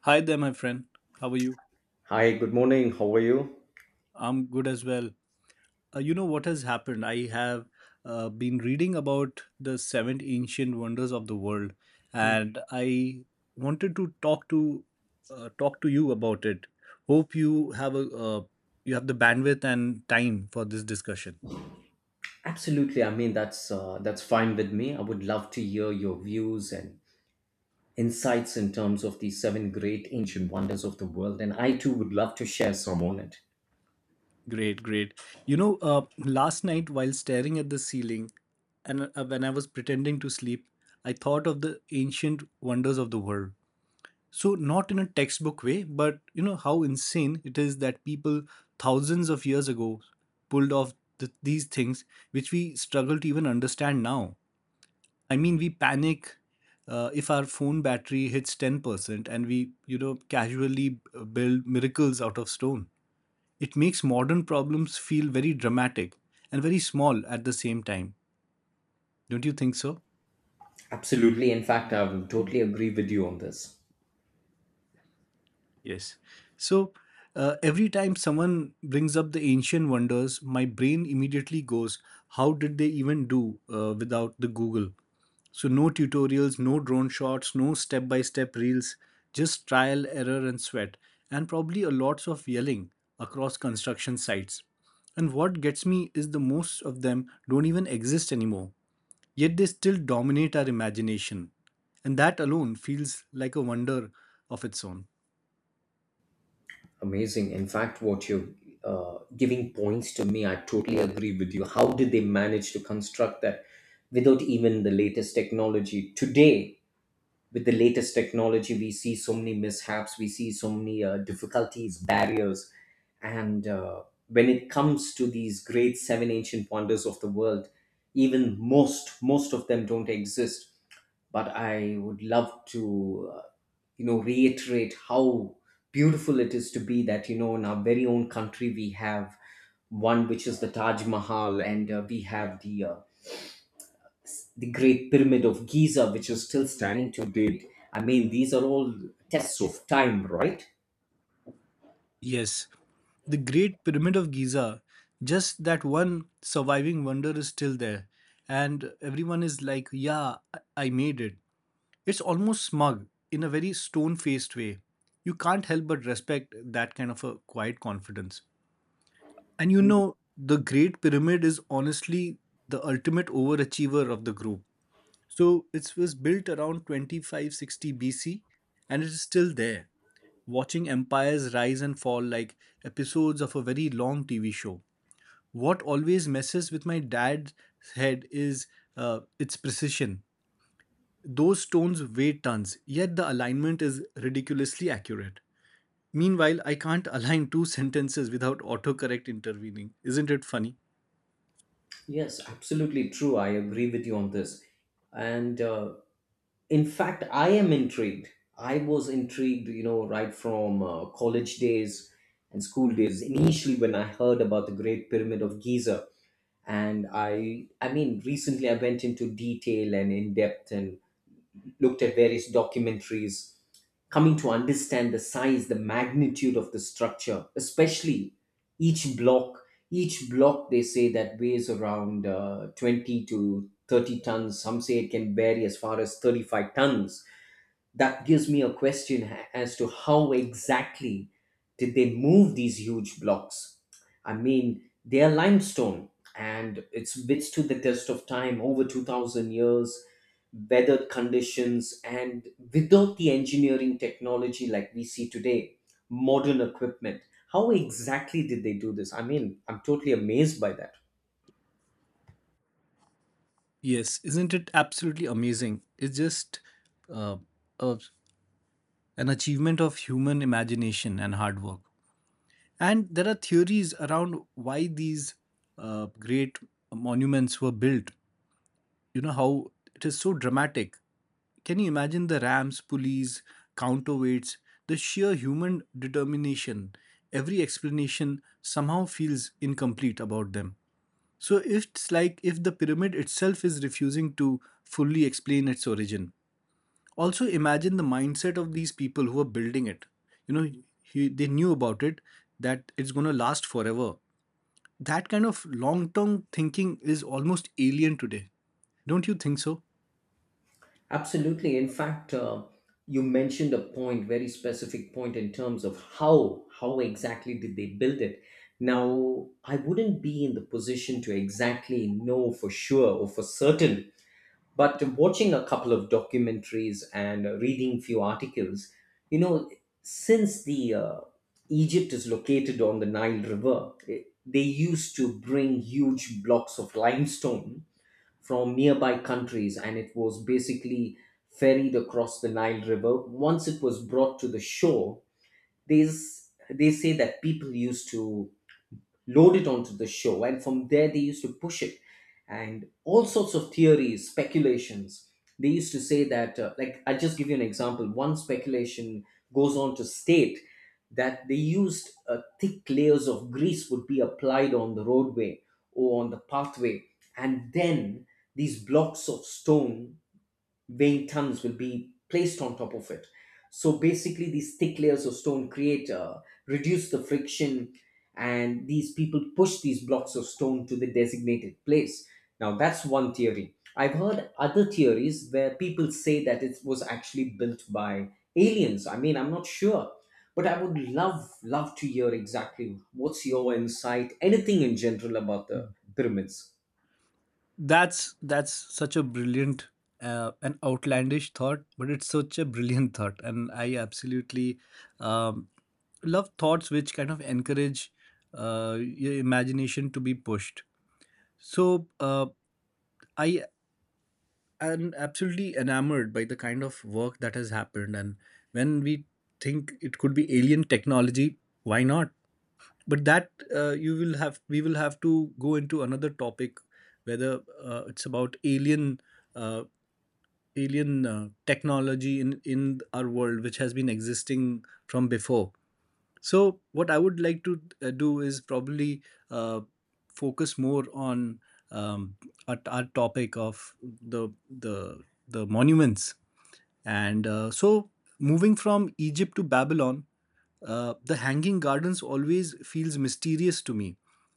Hi there, my friend. How are you? Hi, good morning. How are you? I'm good as well. You know what has happened? I have been reading about the seven ancient wonders of the world, Hmm. and I wanted to talk to you about it. Hope you have uh, the bandwidth and time for this discussion. Absolutely. I mean, that's fine with me. I would love to hear your views and insights in terms of the seven great ancient wonders of the world, and I too would love to share some on it. Great, great. You know, uh, Last night while staring at the ceiling, and when I was pretending to sleep, I thought of the ancient wonders of the world. So, not in a textbook way, but you know how insane it is that people thousands of years ago pulled off these things which we struggle to even understand now. I mean, we panic if our phone battery hits 10% and we, casually build miracles out of stone. It makes modern problems feel very dramatic and very small at the same time. Don't you think so? Absolutely. In fact, I will totally agree with you on this. Yes. So every time someone brings up the ancient wonders, my brain immediately goes, how did they even do without the Google? So no tutorials, no drone shots, no step by step reels, just trial, error, and sweat, and probably a lots of yelling across construction sites. And what gets me is the most of them don't even exist anymore, yet they still dominate our imagination. And that alone feels like a wonder of its own. Amazing. In fact, what you're giving points to me, I totally agree with you. How did they manage to construct that without even the latest technology today? With the latest technology, we see so many mishaps, we see so many difficulties, barriers, and when it comes to these great seven ancient wonders of the world, even most of them don't exist. But I would love to, you know, reiterate how beautiful it is to be, that, you know, in our very own country, we have one which is the Taj Mahal. And we have the Great Pyramid of Giza, which is still standing to date. I mean, these are all tests of time, right? Yes, the Great Pyramid of Giza, just that one surviving wonder is still there. And everyone is like, yeah, I made it. It's almost smug in a very stone faced way. You can't help but respect that kind of a quiet confidence. And you Hmm. know, the Great Pyramid is honestly the ultimate overachiever of the group. So it was built around 2560 BC, and it is still there watching empires rise and fall like episodes of a very long TV show. What always messes with my dad's head is its precision. Those stones weigh tons, yet the alignment is ridiculously accurate. Meanwhile, I can't align two sentences without autocorrect intervening. Isn't it funny? Yes, absolutely true. I agree with you on this. And in fact, I am intrigued. I was intrigued, you know, right from college days and school days, initially when I heard about the Great Pyramid of Giza. And I mean, recently I went into detail and in depth and looked at various documentaries, coming to understand the size, the magnitude of the structure, especially each block. Each block, they say that weighs around 20 to 30 tons. Some say it can vary as far as 35 tons. That gives me a question as to how exactly did they move these huge blocks. I mean, they are limestone, and it's withstood the test of time over 2000 years, weathered conditions, and without the engineering technology like we see today, modern equipment, how exactly did they do this? I mean, I'm totally amazed by that. Yes, isn't it absolutely amazing? It's just uh, a, an achievement of human imagination and hard work. And there are theories around why these great monuments were built. You know how it is so dramatic. Can you imagine the rams, pulleys, counterweights, the sheer human determination? Every explanation somehow feels incomplete about them. So it's like if the pyramid itself is refusing to fully explain its origin. Also, imagine the mindset of these people who are building it. You know, they knew about it, that it's going to last forever. That kind of long term thinking is almost alien today. Don't you think so? Absolutely. In fact, you mentioned a point, very specific point in terms of how exactly did they build it. Now, I wouldn't be in the position to exactly know for sure or for certain, but watching a couple of documentaries and reading few articles, you know, since the, Egypt is located on the Nile River, they used to bring huge blocks of limestone from nearby countries, and it was basically ferried across the Nile River. Once it was brought to the shore, they say that people used to load it onto the show, and from there they used to push it, and all sorts of theories, speculations. They used to say that, like, I'll just give you an example, one speculation goes on to state that they used, thick layers of grease would be applied on the roadway or on the pathway, and then these blocks of stone weighing tons will be placed on top of it. So basically, these thick layers of stone create, reduce the friction, and these people push these blocks of stone to the designated place. Now that's one theory. I've heard other theories where people say that it was actually built by aliens. I mean, I'm not sure, but I would love to hear exactly what's your insight, anything in general about the pyramids. That's such a brilliant an outlandish thought, but it's such a brilliant thought, and I absolutely um, love thoughts which kind of encourage your imagination to be pushed. So I am absolutely enamored by the kind of work that has happened, and when we think it could be alien technology, why not? But that you will have we will have to go into another topic, whether it's about alien uh, alien technology in our world, which has been existing from before. So what I would like to do is probably uh, focus more on um, our topic of the the the monuments. And so, moving from Egypt to Babylon, the Hanging Gardens always feels mysterious to me,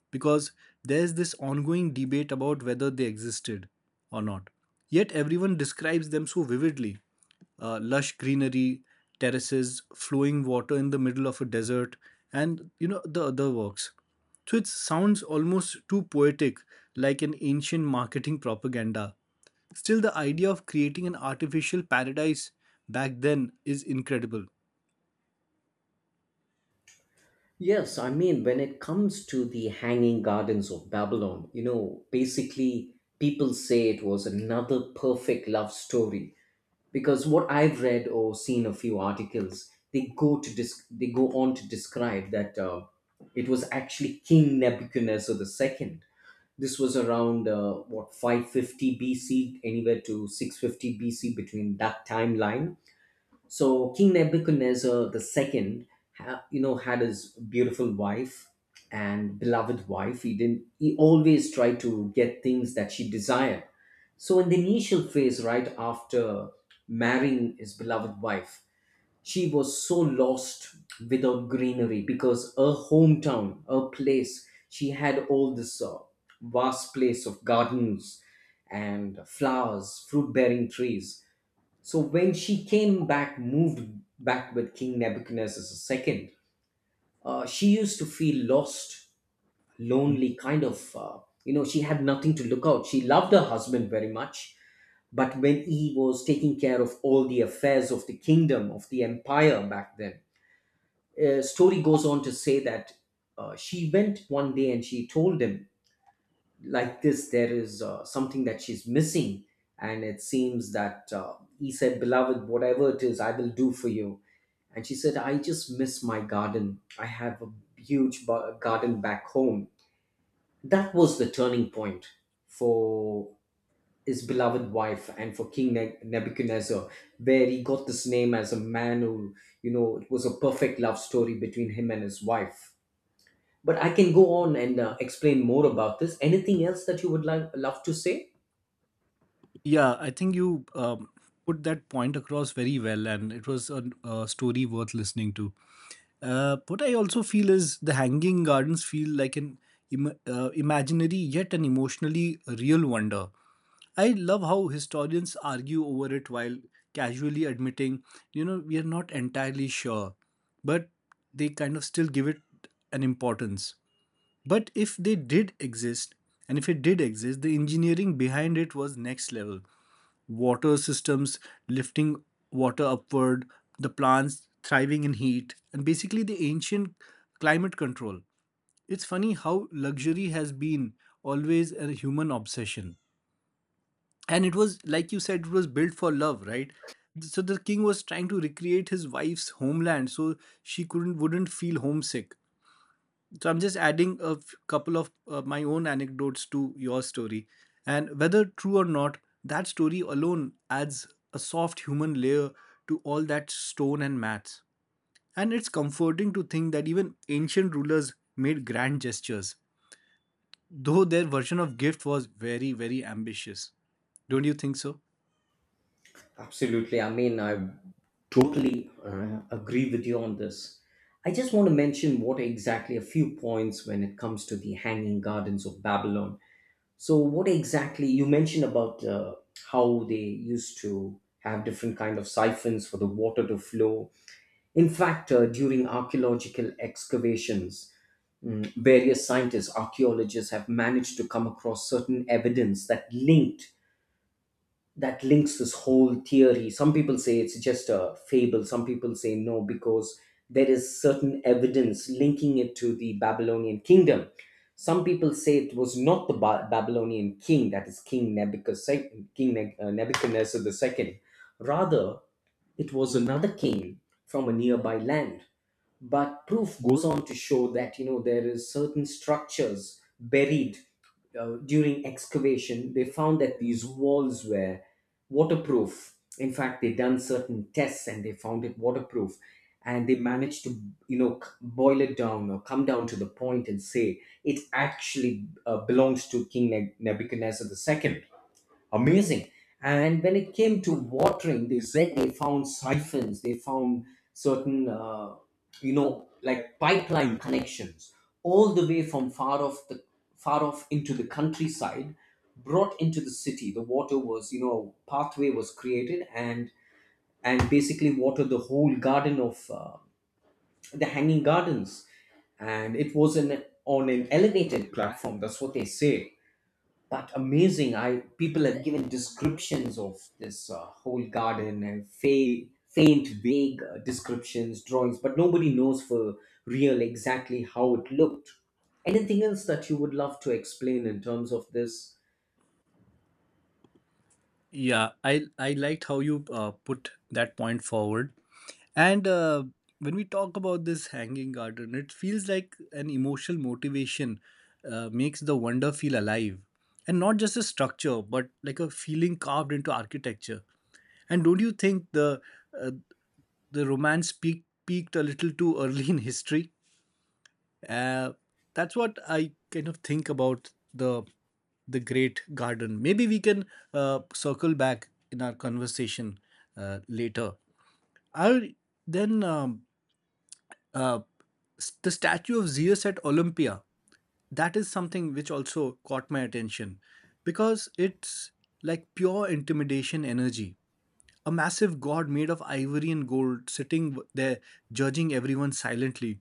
because there's this ongoing debate about whether they existed or not. Yet everyone describes them so vividly: lush greenery, terraces, flowing water in the middle of a desert, and the other works. So it sounds almost too poetic, like an ancient marketing propaganda. Still, the idea of creating an artificial paradise back then is incredible. Yes, I mean, when it comes to the Hanging Gardens of Babylon, you know, basically people say it was another perfect love story, because what I've read or seen a few articles, they go on to describe that it was actually King Nebuchadnezzar II. This was around, what, 550 BC, anywhere to 650 BC, between that timeline. So King Nebuchadnezzar II, you know, had his beautiful wife and beloved wife. He didn't. He always tried to get things that she desired. So in the initial phase, right after marrying his beloved wife, she was so lost without greenery, because her hometown, her place, she had all this, vast place of gardens and flowers, fruit-bearing trees. So when she came back, moved back with King Nebuchadnezzar II, she used to feel lost, lonely, kind of, you know, she had nothing to look out. She loved her husband very much, but when he was taking care of all the affairs of the kingdom, of the empire back then, story goes on to say that, she went one day and she told him like this, there is, something that she's missing, and it seems that, he said, beloved, whatever it is, I will do for you. And she said, I just miss my garden, I have a huge garden back home. That was the turning point for his beloved wife and for King Nebuchadnezzar, where he got this name as a man who, you know, it was a perfect love story between him and his wife. But I can go on and, explain more about this. Anything else that you would like love to say? Yeah, I think you put that point across very well, and it was a story worth listening to. What I also feel is the Hanging Gardens feel like an imaginary yet an emotionally real wonder. I love how historians argue over it while casually admitting, you know, we are not entirely sure, but they kind of still give it an importance. But if they did exist, and if it did exist, the engineering behind it was next level. Water systems lifting water upward, the plants thriving in heat, and basically the ancient climate control. It's funny how luxury has been always a human obsession. And it was, like you said, it was built for love, right? So the king was trying to recreate his wife's homeland so she couldn't wouldn't feel homesick. So I'm just adding a couple of my own anecdotes to your story. And whether true or not, that story alone adds a soft human layer to all that stone and mats. And it's comforting to think that even ancient rulers made grand gestures, though their version of gift was very, very ambitious. Don't you think so? Absolutely. I mean, I totally, agree with you on this. I just want to mention what exactly a few points when it comes to the Hanging Gardens of Babylon. So, what exactly you mentioned about, how they used to have different kind of siphons for the water to flow. In fact, during archaeological excavations, various scientists, archaeologists have managed to come across certain evidence that links this whole theory. Some people say it's just a fable, some people say no, because there is certain evidence linking it to the Babylonian kingdom. Some people say it was not the Babylonian king, that is King Nebuchadnezzar, King Nebuchadnezzar II. Rather, it was another king from a nearby land. But proof goes on to show that, you know, there is certain structures buried. During excavation, they found that these walls were waterproof. In fact, they done certain tests and they found it waterproof, and they managed to, you know, boil it down or come down to the point and say it actually, belongs to King Nebuchadnezzar II. Amazing. And when it came to watering, they said they found siphons, they found certain, you know, like pipeline connections all the way from far off into the countryside, brought into the city. The water was, you know, pathway was created, and basically watered the whole garden of, the hanging gardens. And it was, an on an elevated platform, that's what they say. But amazing. I, people have given descriptions of this, whole garden, and faint, vague, descriptions, drawings, but nobody knows for real exactly how it looked. Anything else that you would love to explain in terms of this? Yeah, I liked how you put that point forward. And when we talk about this hanging garden, it feels like an emotional motivation makes the wonder feel alive. And not just a structure, but like a feeling carved into architecture. And don't you think the uh, the romance peaked a little too early in history? Uh, that's what I kind of think about the great garden. Maybe we can circle back in our conversation later. I then uh, the statue of Zeus at Olympia, that is something which also caught my attention, because it's like pure intimidation energy. A massive god made of ivory and gold sitting there, judging everyone silently.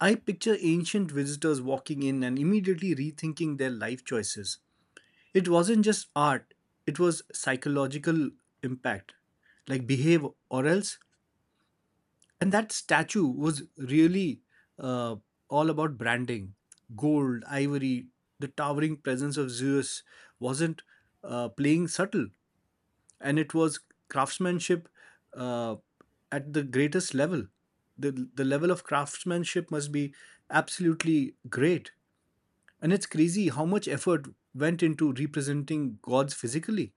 I picture ancient visitors walking in and immediately rethinking their life choices. It wasn't just art, it was psychological impact. Like, behave or else. And that statue was really uh, all about branding: gold, ivory. The towering presence of Zeus wasn't playing subtle, and it was craftsmanship uh, at the greatest level. The level of craftsmanship must be absolutely great, and it's crazy how much effort went into representing gods physically.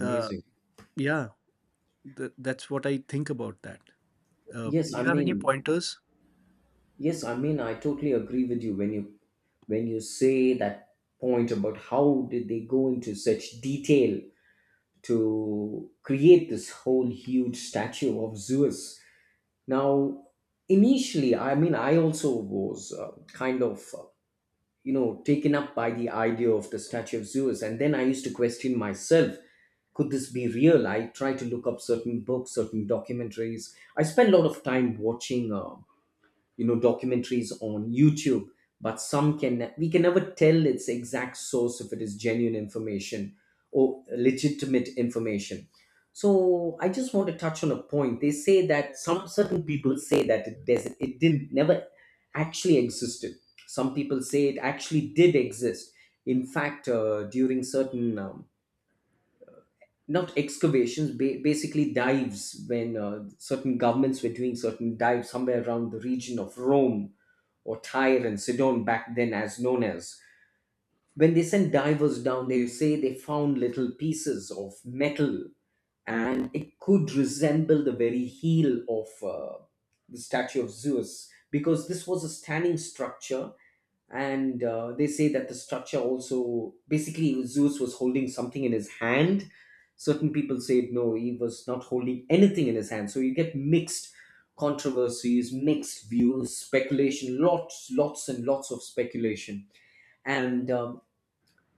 uh, yeah, that's what I think about that. Yes, Do you I have any mean, pointers? yes, I mean, I totally agree with you when you, say that point about how did they go into such detail to create this whole huge statue of Zeus. Now, initially, I mean, I also was, kind of, you know, taken up by the idea of the Statue of Zeus. And then I used to question myself, could this be real? I tried to look up certain books, certain documentaries. I spent a lot of time watching. You know, documentaries on YouTube. But some, can we, can never tell its exact source, if it is genuine information or legitimate information. So I just want to touch on a point, they say that some, certain people say that it doesn't, it didn't, never actually existed. Some people say it actually did exist. In fact, during certain, not excavations, basically dives, when, certain governments were doing certain dives somewhere around the region of Rome or Tyre and Sidon back then as known as, when they sent divers down, they say they found little pieces of metal, and it could resemble the very heel of, the Statue of Zeus, because this was a standing structure. And, they say that the structure also, basically Zeus was holding something in his hand. Certain people said no, he was not holding anything in his hand. So you get mixed controversies, mixed views, speculation, lots, lots, and lots of speculation. And,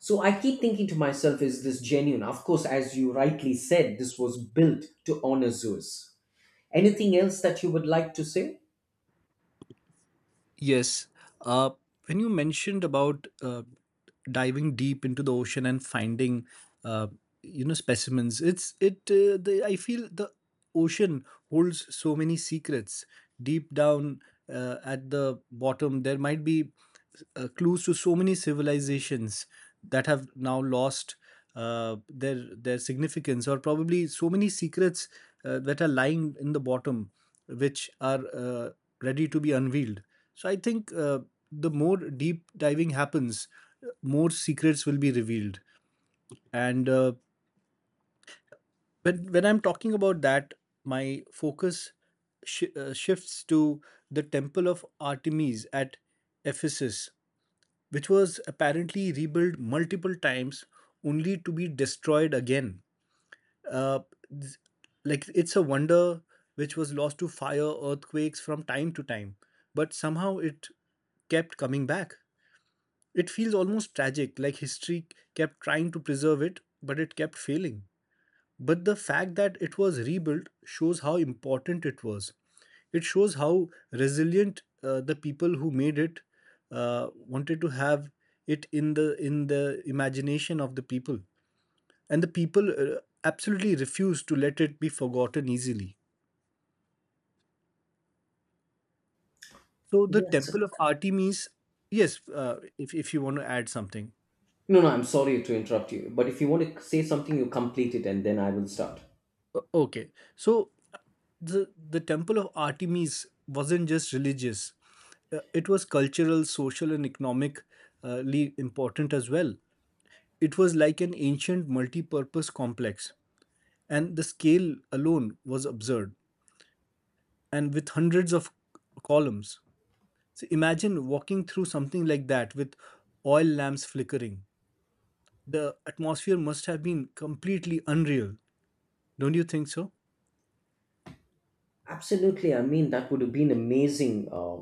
so I keep thinking to myself, is this genuine? Of course, as you rightly said, this was built to honor Zeus. Anything else that you would like to say? Yes. Uh, when you mentioned about diving deep into the ocean and finding, uh, you know, specimens, it's it. The I feel the ocean holds so many secrets. Deep down at the bottom, there might be clues to so many civilizations that have now lost their significance, or probably so many secrets that are lying in the bottom, which are ready to be unveiled. So I think the more deep diving happens, more secrets will be revealed. And when I'm talking about that, my focus shifts to the Temple of Artemis at Ephesus, which was apparently rebuilt multiple times only to be destroyed again. Uh, th- like, it's a wonder which was lost to fire, earthquakes from time to time, but somehow it kept coming back. It feels almost tragic, like history kept trying to preserve it, but it kept failing. But the fact that it was rebuilt shows how important it was. It shows how resilient the people who made it wanted to have it in the imagination of the people, and the people absolutely refused to let it be forgotten easily. So the Yes. Temple of Artemis, yes, if you want to add something. No, no, I'm sorry to interrupt you, but if you want to say something, you complete it and then I will start. Okay, so uh, the the Temple of Artemis wasn't just religious. It was cultural, social, and economically important as well. It was like an ancient multi-purpose complex, and the scale alone was absurd, and with hundreds of columns. So imagine walking through something like that, with oil lamps flickering. The atmosphere must have been completely unreal. Don't you think so? Absolutely. I mean, that would have been amazing.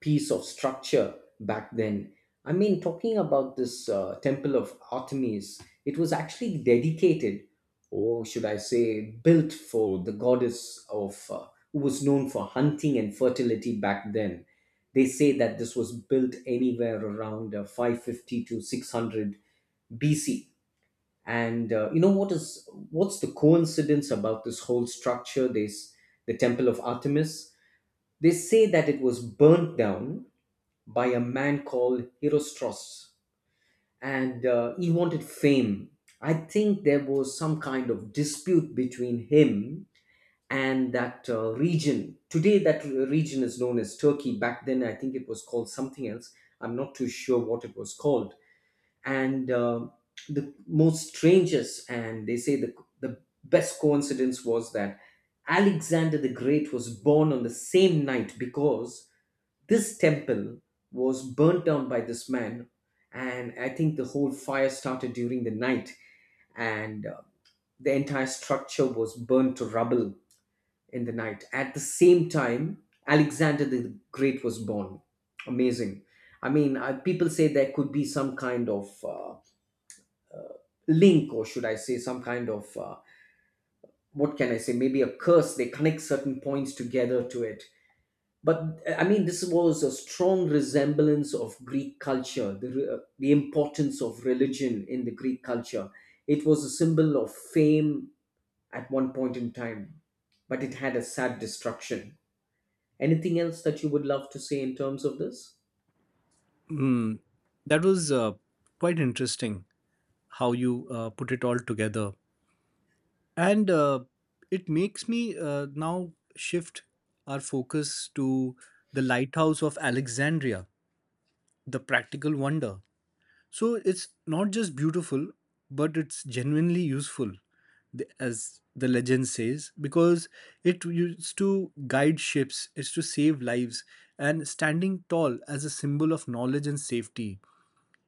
Piece of structure back then. I mean, talking about this, temple of Artemis, it was actually dedicated, or should I say, built for the goddess of, who was known for hunting and fertility back then. They say that this was built anywhere around 550 to 600 BC. And You know what's the coincidence about this whole structure? This The temple of Artemis. They say that it was burnt down by a man called Herostratus, and he wanted fame. I think there was some kind of dispute between him and that region. Today, that region is known as Turkey. Back then, I think it was called something else. I'm not too sure what it was called. And The most strangest, and they say the best coincidence was that Alexander the Great was born on the same night because this temple was burnt down by this man, and I think the whole fire started during the night, and the entire structure was burned to rubble in the night. At the same time, Alexander the Great was born. Amazing. I mean, people say there could be some kind of link, or should I say, some kind of what can I say? Maybe a curse. They connect certain points together to it, but I mean, this was a strong resemblance of Greek culture, the importance of religion in the Greek culture. It was a symbol of fame at one point in time, but it had a sad destruction. Anything else that you would love to say in terms of this? Hmm. That was quite interesting how you put it all together. And it makes me now shift our focus to the Lighthouse of Alexandria, the practical wonder. So it's not just beautiful, but it's genuinely useful, as the legend says, because it used to guide ships, it's to save lives, and standing tall as a symbol of knowledge and safety.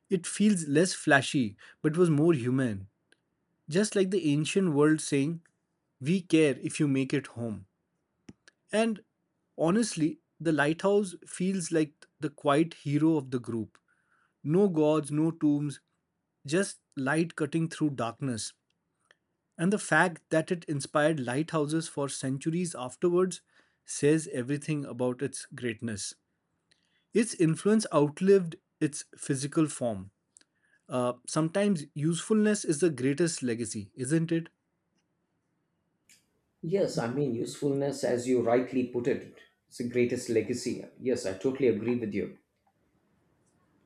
It feels less flashy, but was more human. Just like the ancient world saying, "We care if you make it home." And honestly, the lighthouse feels like the quiet hero of the group. No gods, no tombs, just light cutting through darkness. And the fact that it inspired lighthouses for centuries afterwards says everything about its greatness. Its influence outlived its physical form. Sometimes usefulness is the greatest legacy, isn't it? Yes, I mean, usefulness, as you rightly put it, it's the greatest legacy. Yes, I totally agree with you.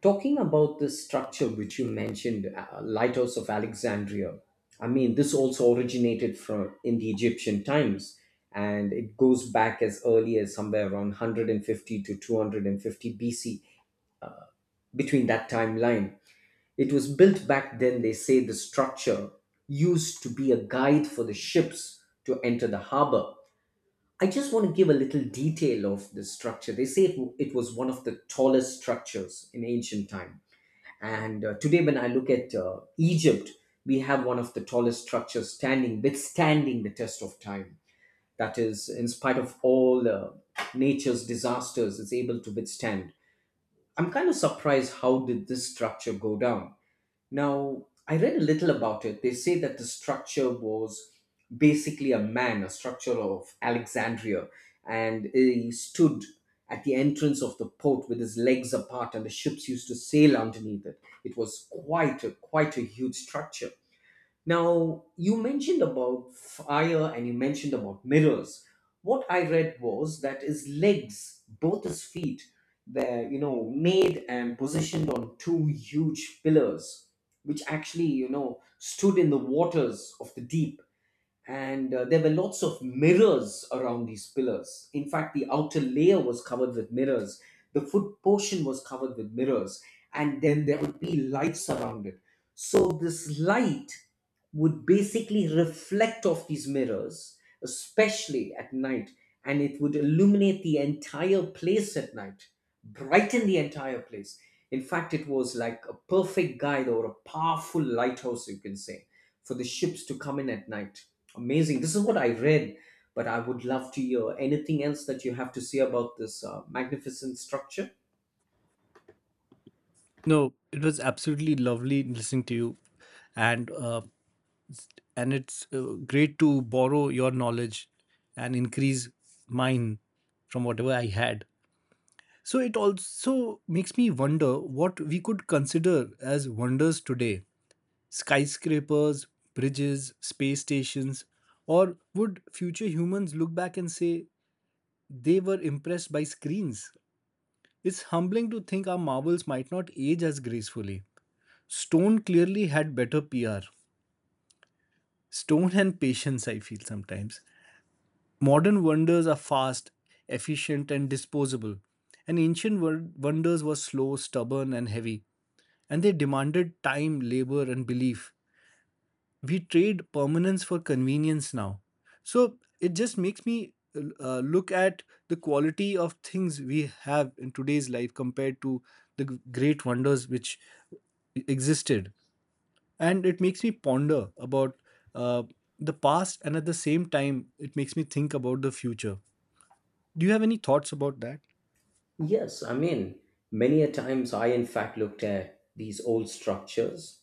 Talking about this structure which you mentioned, Lighthouse of Alexandria, I mean, this also originated from in the Egyptian times, and it goes back as early as somewhere around 150 to 250 BC. Between that timeline, it was built back then. They say the structure used to be a guide for the ships to enter the harbor. I just want to give a little detail of the structure. They say it was one of the tallest structures in ancient time, and today, when I look at Egypt, we have one of the tallest structures standing, withstanding the test of time. That is, in spite of all nature's disasters, it's able to withstand. I'm kind of surprised, how did this structure go down? Now, I read a little about it. They say that the structure was basically a man, a structure of Alexandria, and he stood at the entrance of the port with his legs apart, and the ships used to sail underneath it. It was quite a huge structure. Now, you mentioned about fire and you mentioned about mirrors. What I read was that his legs, both his feet, they're, you know, made and positioned on two huge pillars, which actually, you know, stood in the waters of the deep, and there were lots of mirrors around these pillars. In fact, the outer layer was covered with mirrors, the foot portion was covered with mirrors, and then there would be lights around it. So this light would basically reflect off these mirrors, especially at night, and it would illuminate the entire place at night, brighten the entire place. In fact, it was like a perfect guide or a powerful lighthouse, you can say, for the ships to come in at night. Amazing. This is what I read, but I would love to hear anything else that you have to say about this magnificent structure. No, it was absolutely lovely listening to you, and and it's great to borrow your knowledge and increase mine from whatever I had. So it also makes me wonder what we could consider as wonders today: skyscrapers, bridges, space stations. Or would future humans look back and say they were impressed by screens? It's humbling to think our marvels might not age as gracefully. Stone clearly had better PR. Stone and patience, I feel sometimes. Modern wonders are fast, efficient, and disposable. And ancient wonders were slow, stubborn, and heavy. And they demanded time, labor, and belief. We trade permanence for convenience now. So it just makes me look at the quality of things we have in today's life compared to the great wonders which existed. And it makes me ponder about uh, the past, and at the same time it makes me think about the future. Do you have any thoughts about that? Yes, I mean, many a times I, in fact, looked at these old structures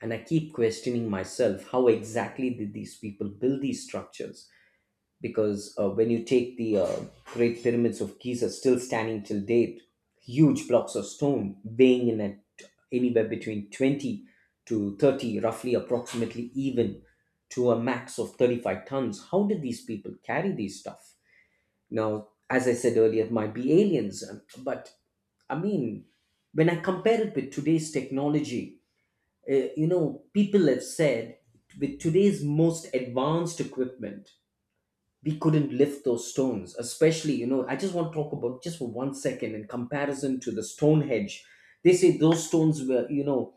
and I keep questioning myself, how exactly did these people build these structures? Because when you take the great pyramids of Giza still standing till date, huge blocks of stone weighing in at anywhere between 20 to 30, roughly approximately, even to a max of 35 tons. How did these people carry these stuff? Now, as I said earlier, it might be aliens, but I mean, when I compare it with today's technology, you know, people have said with today's most advanced equipment, we couldn't lift those stones, especially, you know, I just want to talk about just for 1 second in comparison to the Stonehenge. They say those stones were, you know,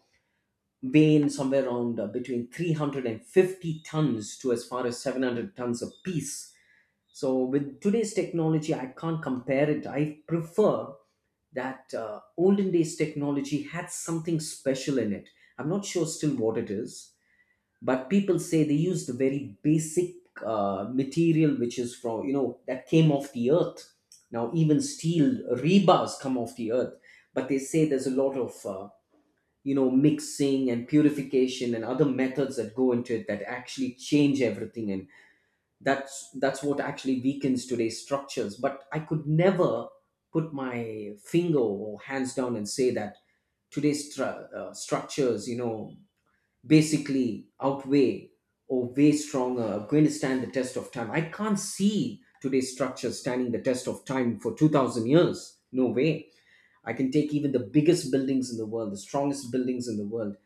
weighing somewhere around between 350 tons to as far as 700 tons a piece. So with today's technology, I can't compare it. I prefer that olden days technology had something special in it. I'm not sure still what it is, but people say they used a very basic material which is from, you know, that came off the earth. Now even steel rebars come off the earth, but they say there's a lot of you know, mixing and purification and other methods that go into it that actually change everything, and that's what actually weakens today's structures. But I could never put my finger or hands down and say that today's structures, you know, basically outweigh or way stronger, are going to stand the test of time. I can't see today's structure standing the test of time for 2000 years. No way. I can take even the biggest buildings in the world, the strongest buildings in the world.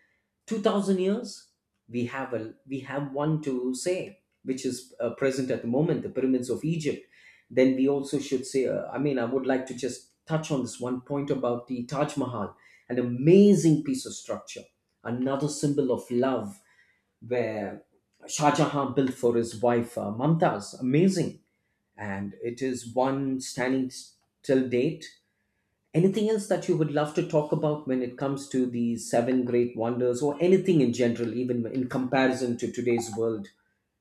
2000 years, we have one to say, which is present at the moment, the pyramids of Egypt. Then we also should say I mean, I would like to just touch on this one point about the Taj Mahal, an amazing piece of structure, another symbol of love where Shah Jahan built for his wife Mumtaz. Amazing. And it is one standing till date. Anything else that you would love to talk about when it comes to the seven great wonders or anything in general, even in comparison to today's world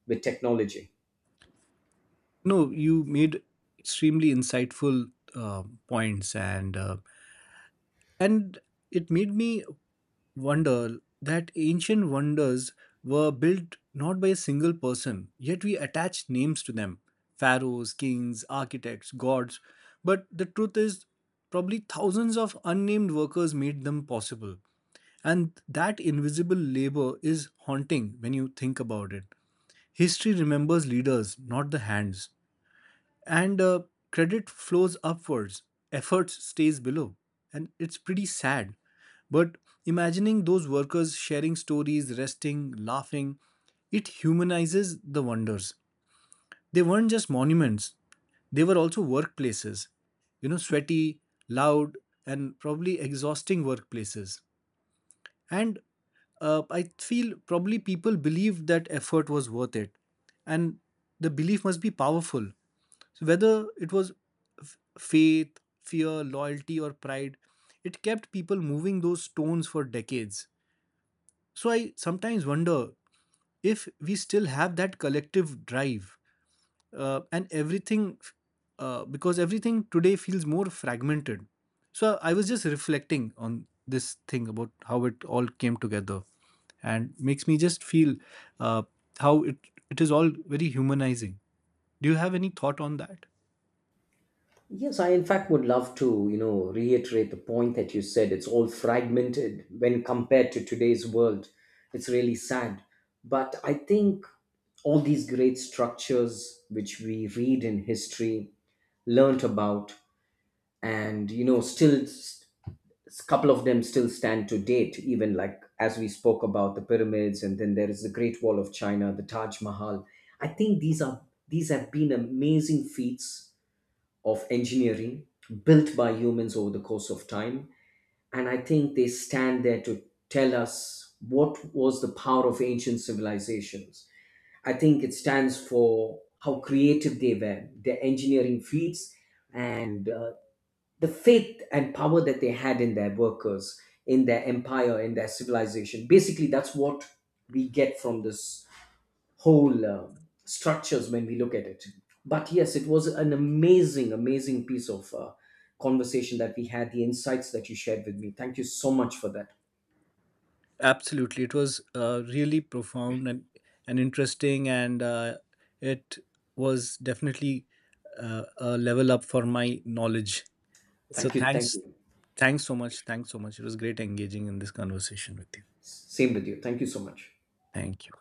with technology? No, you made extremely insightful points. And and it made me wonder that ancient wonders were built not by a single person, yet we attach names to them: pharaohs, kings, architects, gods. But the truth is probably thousands of unnamed workers made them possible. And that invisible labor is haunting when you think about it. History remembers leaders, not the hands. And credit flows upwards, effort stays below. And it's pretty sad. But imagining those workers sharing stories, resting, laughing, it humanizes the wonders. They weren't just monuments, they were also workplaces. You know, sweaty, loud, and probably exhausting workplaces. And I feel probably people believed that effort was worth it, and the belief must be powerful. So whether it was faith, fear, loyalty, or pride, it kept people moving those stones for decades. So I sometimes wonder if we still have that collective drive, and everything, because everything today feels more fragmented. So I was just reflecting on this thing about how it all came together, and makes me just feel uh, how it is all very humanizing. Do you have any thought on that? Yes, I, in fact, would love to, you know, reiterate the point that you said. It's all fragmented when compared to today's world. It's really sad. But I think all these great structures which we read in history, learnt about, and you know, still a couple of them still stand to date, even like as we spoke about the pyramids, and then there is the Great Wall of China, the Taj Mahal. I think these have been amazing feats of engineering built by humans over the course of time. And I think they stand there to tell us what was the power of ancient civilizations. I think it stands for how creative they were, their engineering feats, and the faith and power that they had in their workers, in their empire, in their civilization. Basically, that's what we get from this whole structures when we look at it. But yes, it was an amazing, amazing piece of conversation that we had, the insights that you shared with me. Thank you so much for that. Absolutely, it was really profound and interesting, and it was definitely a level up for my knowledge. So Thank you. Thank thanks, you. thanks so much, thanks so much. It was great engaging in this conversation with you. Same with you. Thank you so much. Thank you.